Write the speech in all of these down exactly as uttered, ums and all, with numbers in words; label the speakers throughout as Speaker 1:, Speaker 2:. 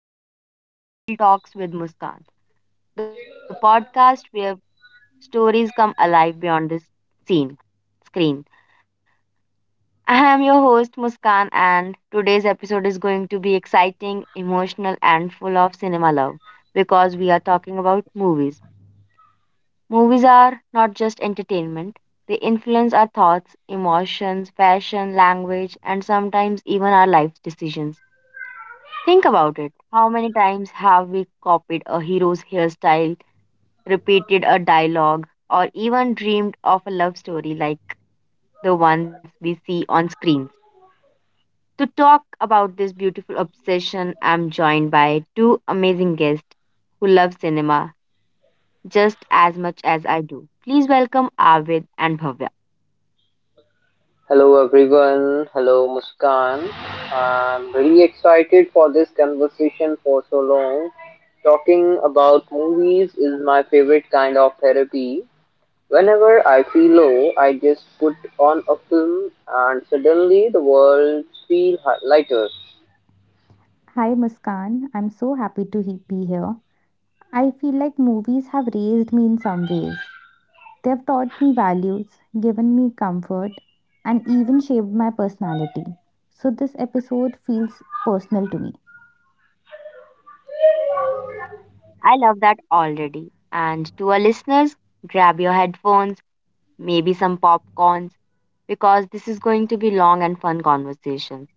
Speaker 1: everyone, and welcome back to Real Talks with Muskan, the podcast where stories come alive beyond the scene screen. I am your host Muskan, and today's episode is going to be exciting, emotional, and full of cinema love because we are talking about movies. Movies are not just entertainment; they influence our thoughts, emotions, fashion, language, and sometimes even our life decisions. Think about it. How many times have we copied a hero's hairstyle, repeated a dialogue, or even dreamed of a love story like the ones we see on screens? To talk about this beautiful obsession, I'm joined by two amazing guests who love cinema just as much as I do. Please welcome Arvid and Bhavya.
Speaker 2: Hello everyone. Hello Muskan. I'm really excited for this conversation for so long. Talking about movies is my favorite kind of therapy. Whenever I feel low, I just put on a film and suddenly the world feels lighter.
Speaker 3: Hi Muskan, I'm so happy to he- be here. I feel like movies have raised me in some ways. They've taught me values, given me comfort, and even shaped my personality. So this episode feels personal to me.
Speaker 1: I love that already. And to our listeners, grab your headphones maybe some popcorns, because this is going to be long and fun conversation.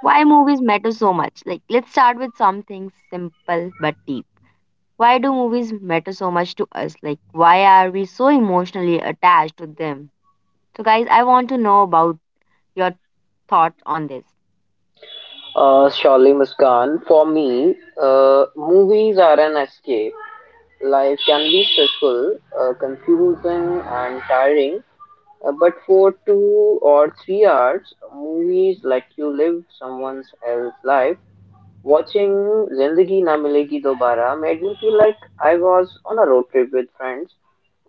Speaker 1: Why movies matter so much? Like, let's start with something simple but deep. Why do movies matter so much to us? Like, why are we so emotionally attached to them? So, guys, I want to know about your thoughts on this.
Speaker 2: Uh, surely Muskan, for me, uh, movies are an escape. Life can be stressful, uh, confusing, and tiring. Uh, but for two or three hours, movies let you live someone else's life. Watching Zindagi Na Milegi Dobara made me feel like I was on a road trip with friends,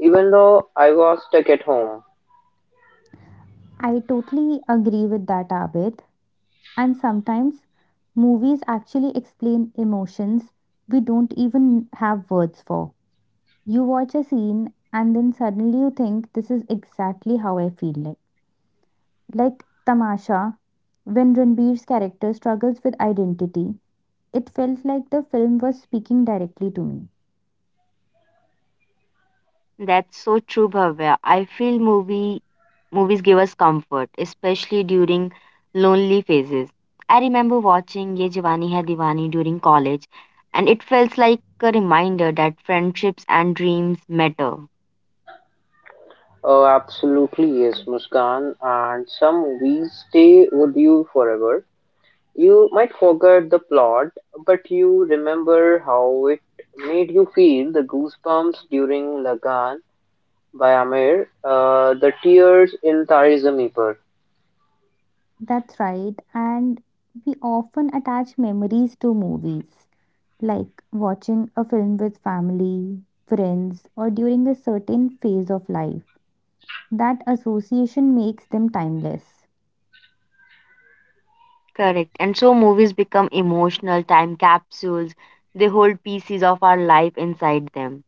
Speaker 2: even though I was stuck at home.
Speaker 3: I totally agree with that, Abid. And sometimes movies actually explain emotions we don't even have words for. You watch a scene and then suddenly you think this is exactly how I feel like. Like Tamasha, when Ranbir's character struggles with identity, it felt like the film was speaking directly to me.
Speaker 1: That's so true, Bhavya. I feel movie movies give us comfort, especially during lonely phases. I remember watching Ye Jawani Hai Diwani during college, and it felt like a reminder that friendships and dreams matter.
Speaker 2: Oh, absolutely, yes, Muskan. And some movies stay with you forever. You might forget the plot, but you remember how it made you feel: the goosebumps during Lagan by Amir, uh, the tears in Tari Zameen Par.
Speaker 3: That's right, and we often attach memories to movies, like watching a film with family, friends, or during a certain phase of life. That association makes them timeless.
Speaker 1: Correct. And so movies become emotional time capsules. They hold pieces of our life inside them.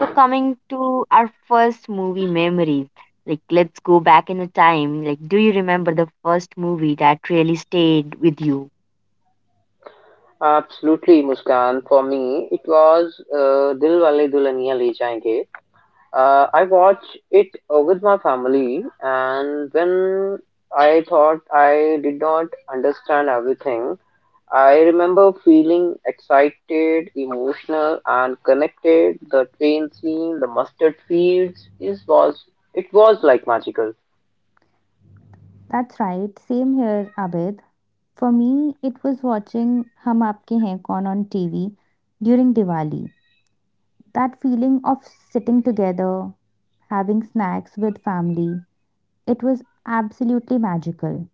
Speaker 1: So, coming to our first movie memories, like let's go back in the time. Like, do you remember the first movie that really stayed with you?
Speaker 2: Absolutely, Muskan. For me, it was uh, Dil Wale Dulhaniya Le Jayenge. Uh, I watched it uh, with my family, and when I thought I did not understand everything, I remember feeling excited, emotional, and connected. The train scene, the mustard fields, it was it was like magical.
Speaker 3: That's right, same here, Abid. For me, it was watching Hum Aapke Hain Kaun on T V during Diwali. That feeling of sitting together, having snacks with family, it was absolutely magical.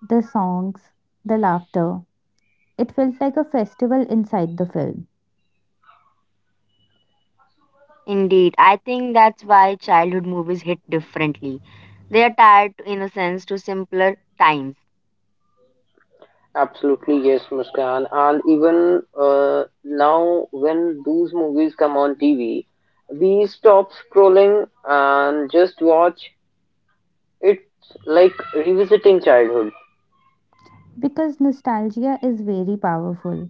Speaker 3: The songs, the laughter, it felt like a festival inside the film.
Speaker 1: Indeed, I think that's why childhood movies hit differently. They are tied, in a sense, to simpler times.
Speaker 2: Absolutely, yes, Muskan. And even uh, now, when those movies come on T V, we stop scrolling and just watch. It's like revisiting childhood.
Speaker 3: Because nostalgia is very powerful.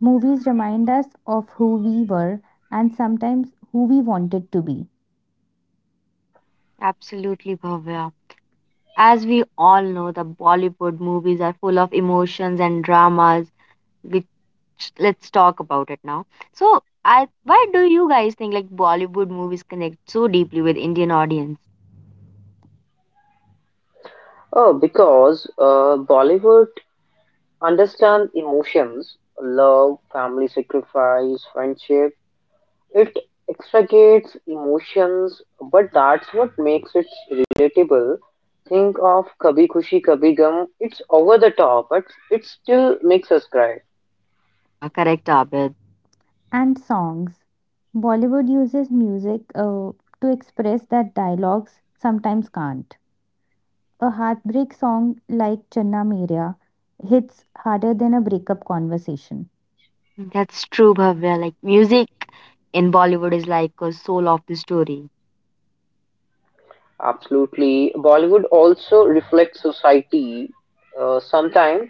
Speaker 3: Movies remind us of who we were and sometimes who we wanted to be.
Speaker 1: Absolutely, Bhavya. As we all know, the Bollywood movies are full of emotions and dramas, let's talk about it now. So, I why do you guys think like Bollywood movies connect so deeply with Indian audience?
Speaker 2: Oh, because uh, Bollywood understand emotions, love, family sacrifice, friendship. It extricates emotions, but that's what makes it relatable. Think of Kabhi Khushi Kabhi Gum. It's over the top, but it still makes us cry.
Speaker 1: Yeah, correct, Abid.
Speaker 3: And songs. Bollywood uses music uh, to express that dialogues sometimes can't. A heartbreak song like Channa Meria hits harder than a breakup conversation.
Speaker 1: That's true, Bhavya. Like music in Bollywood is like a soul of the story.
Speaker 2: Absolutely. Bollywood also reflects society, uh, sometimes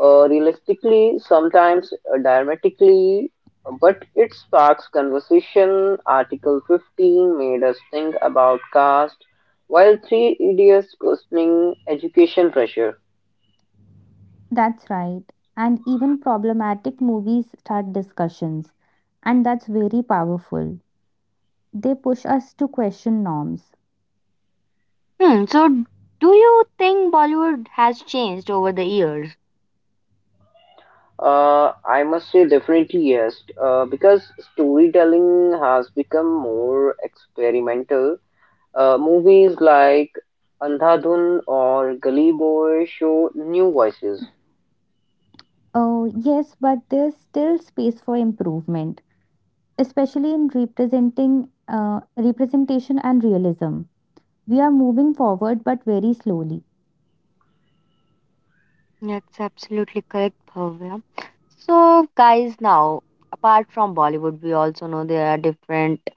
Speaker 2: uh, realistically, sometimes uh, dramatically, but it sparks conversation. Article fifteen made us think about caste, while three idiots questioning education pressure.
Speaker 3: That's right. And even problematic movies start discussions. And that's very powerful. They push us to question norms.
Speaker 1: Hmm. So, do you think Bollywood has changed over the years?
Speaker 2: Uh, I must say, definitely yes, uh, because storytelling has become more experimental. Uh, movies like Andhadhun or Gully Boy show new voices.
Speaker 3: Oh, yes, but there's still space for improvement, especially in representing uh, representation and realism. We are moving forward, but very slowly.
Speaker 1: That's absolutely correct, Bhavya. So, guys, now apart from Bollywood, we also know there are different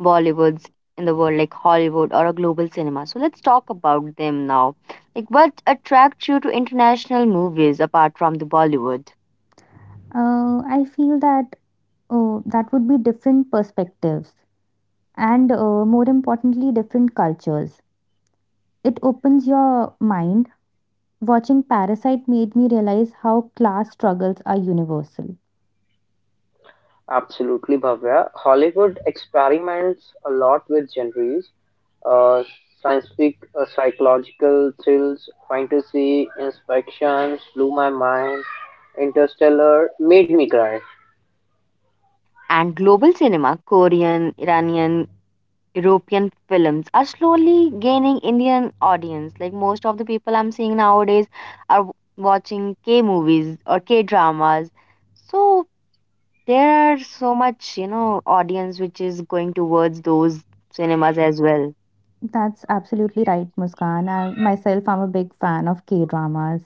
Speaker 1: Bollywoods in the world, like Hollywood or a global cinema. So, let's talk about them now. Like, what attracts you to international movies apart from the Bollywood
Speaker 3: Uh, I feel that oh, that would be different perspectives, and uh, more importantly different cultures. It opens your mind. Watching Parasite made me realize how class struggles are universal.
Speaker 2: Absolutely, Bhavya. Hollywood experiments a lot with genres, uh, science fic, uh, psychological thrills, fantasy, inspections, blew my mind. Interstellar made me cry.
Speaker 1: and global cinema? Korean, Iranian, European films are slowly gaining Indian audience. Like most of the people I'm seeing nowadays are w- watching K movies or K dramas. So, there are so much, you know, audience which is going towards those cinemas as well.
Speaker 3: That's absolutely right, Muskan. I myself, I'm a big fan of K dramas,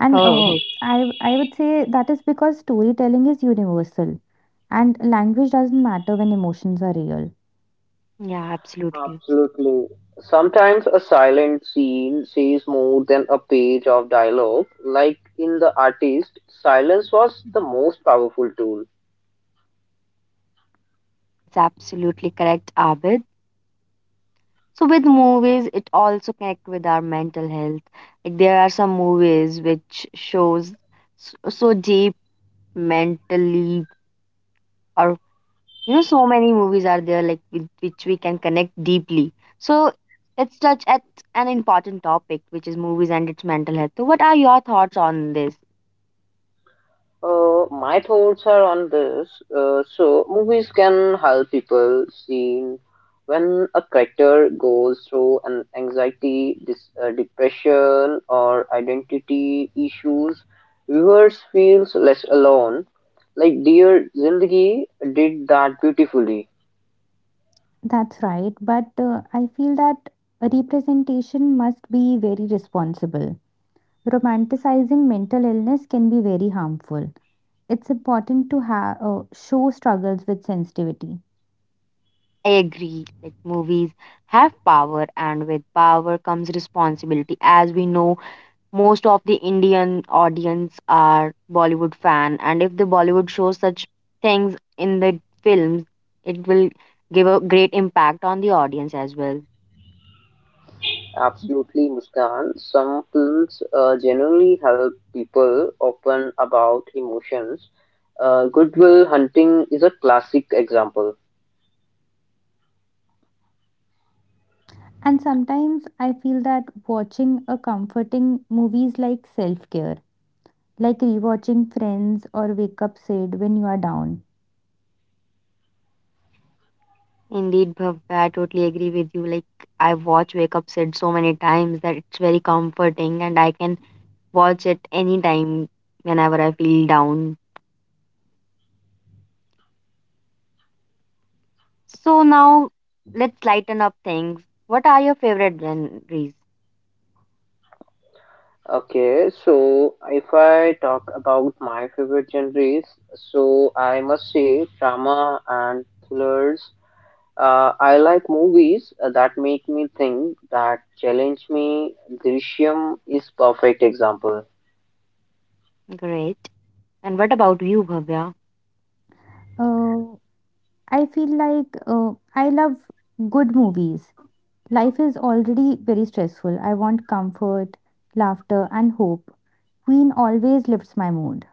Speaker 3: and
Speaker 1: Oh,
Speaker 3: uh,
Speaker 1: oh.
Speaker 3: i i would say that is because storytelling is universal and language doesn't matter when emotions are real.
Speaker 1: Yeah, absolutely.
Speaker 2: Absolutely. Sometimes a silent scene says more than a page of dialogue. Like in The Artist, silence was the most powerful tool.
Speaker 1: That's absolutely correct, Abid. So with movies, it also connect with our mental health. Like there are some movies which shows so, so deep mentally, or you know, so many movies are there like with which we can connect deeply. So let's touch at an important topic, which is movies and its mental health. So what are your thoughts on this?
Speaker 2: Uh, my thoughts are on this. Uh, so, movies can help people see when a character goes through an anxiety, dis- uh, depression, or identity issues, viewers feels less alone. Like Dear Zindagi did that beautifully.
Speaker 3: That's right, but uh, I feel that representation must be very responsible. Romanticizing mental illness can be very harmful. It's important to ha- uh, show struggles with sensitivity.
Speaker 1: I agree. Like movies have power, and with power comes responsibility. As we know, most of the Indian audience are Bollywood fan, and if the Bollywood shows such things in the films, it will give a great impact on the audience as well.
Speaker 2: Absolutely, Muskan. Some films uh, genuinely help people open about emotions. Uh, Goodwill Hunting is a classic example.
Speaker 3: And sometimes I feel that watching a comforting movies like self care, like rewatching Friends or Wake Up Sid when you are down.
Speaker 1: Indeed, Bhavya, I totally agree with you. Like I watch Wake Up Sid so many times that it's very comforting, and I can watch it anytime whenever I feel down. So now let's lighten up things. What are your favorite genres?
Speaker 2: Okay, so if I talk about my favorite genres, so I must say drama and thrillers. Uh, I like movies uh, that make me think, that challenge me. Drishyam is perfect example.
Speaker 1: Great. And what about you, Bhavya?
Speaker 3: Uh, I feel like uh, I love good movies. Life is already very stressful. I want comfort, laughter, and hope. Queen always lifts my mood.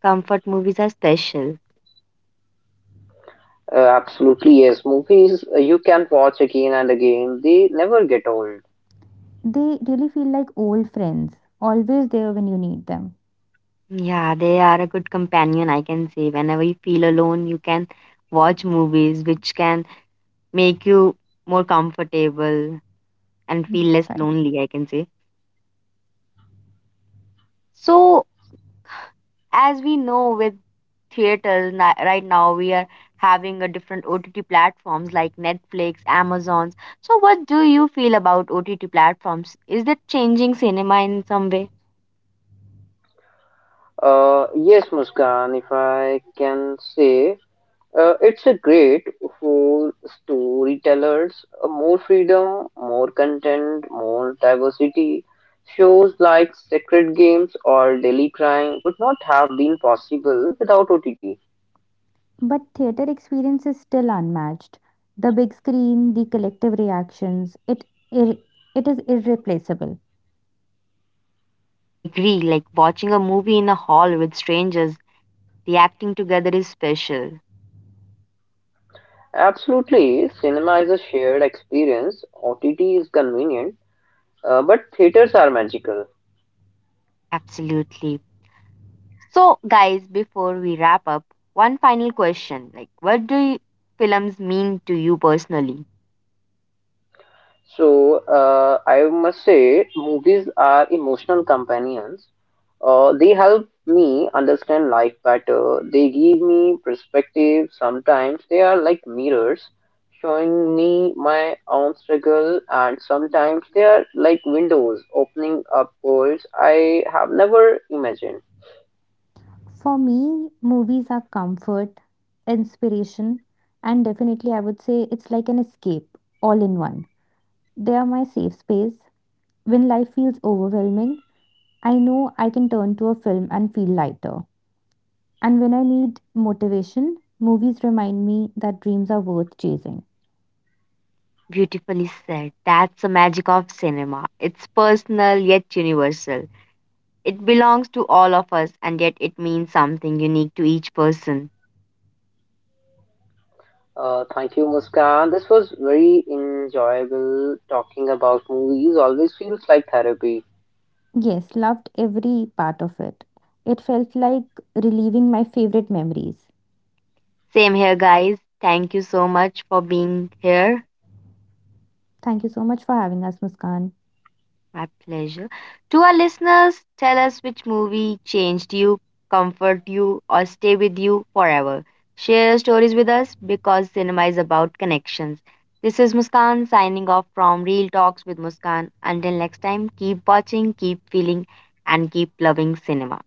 Speaker 1: Comfort movies are special.
Speaker 2: Uh, absolutely, yes. Movies uh, you can watch again and again. They never get old.
Speaker 3: They really feel like old friends, always there when you need them.
Speaker 1: Yeah, they are a good companion, I can say. Whenever you feel alone, you can watch movies which can make you more comfortable and feel less
Speaker 3: That's right.
Speaker 1: lonely, I can say. So, as we know with theaters na- right now we are having a different O T T platforms like Netflix, Amazons, so what do you feel about O T T platforms, is that changing cinema in some way?
Speaker 2: Uh, yes, Muskan, if I can say, uh, it's a great for storytellers. Uh, more freedom, more content, more diversity. Shows like Sacred Games or Daily Crime would not have been possible without O T T.
Speaker 3: But theater experience is still unmatched. The big screen, the collective reactions, it ir- it is irreplaceable.
Speaker 1: I agree, like watching a movie in a hall with strangers, the acting together is special.
Speaker 2: Absolutely, cinema is a shared experience. O T T is convenient, uh, but theaters are magical.
Speaker 1: Absolutely. So guys, before we wrap up, one final question, like what do you, films mean to you personally?
Speaker 2: So, uh, I must say, movies are emotional companions. Uh, they help me understand life better. They give me perspective. Sometimes they are like mirrors, showing me my own struggle, and sometimes they are like windows, opening up worlds I have never imagined.
Speaker 3: For me, movies are comfort, inspiration, and definitely I would say it's like an escape all in one. They are my safe space. When life feels overwhelming, I know I can turn to a film and feel lighter. And when I need motivation, movies remind me that dreams are worth chasing.
Speaker 1: Beautifully said. That's the magic of cinema. It's personal yet universal. It belongs to all of us and yet it means something unique to each person.
Speaker 2: Uh, thank you, Muskan. This was very enjoyable. Talking about movies always feels like therapy.
Speaker 3: Yes, loved every part of it. It felt like relieving my favorite memories.
Speaker 1: Same here, guys. Thank you so much for being here.
Speaker 3: Thank you so much for having us, Muskan.
Speaker 1: My pleasure. To our listeners, tell us which movie changed you, comfort you, or stay with you forever. Share your stories with us because cinema is about connections. This is Muskan signing off from Real Talks with Muskan. Until next time, keep watching, keep feeling, and keep loving cinema.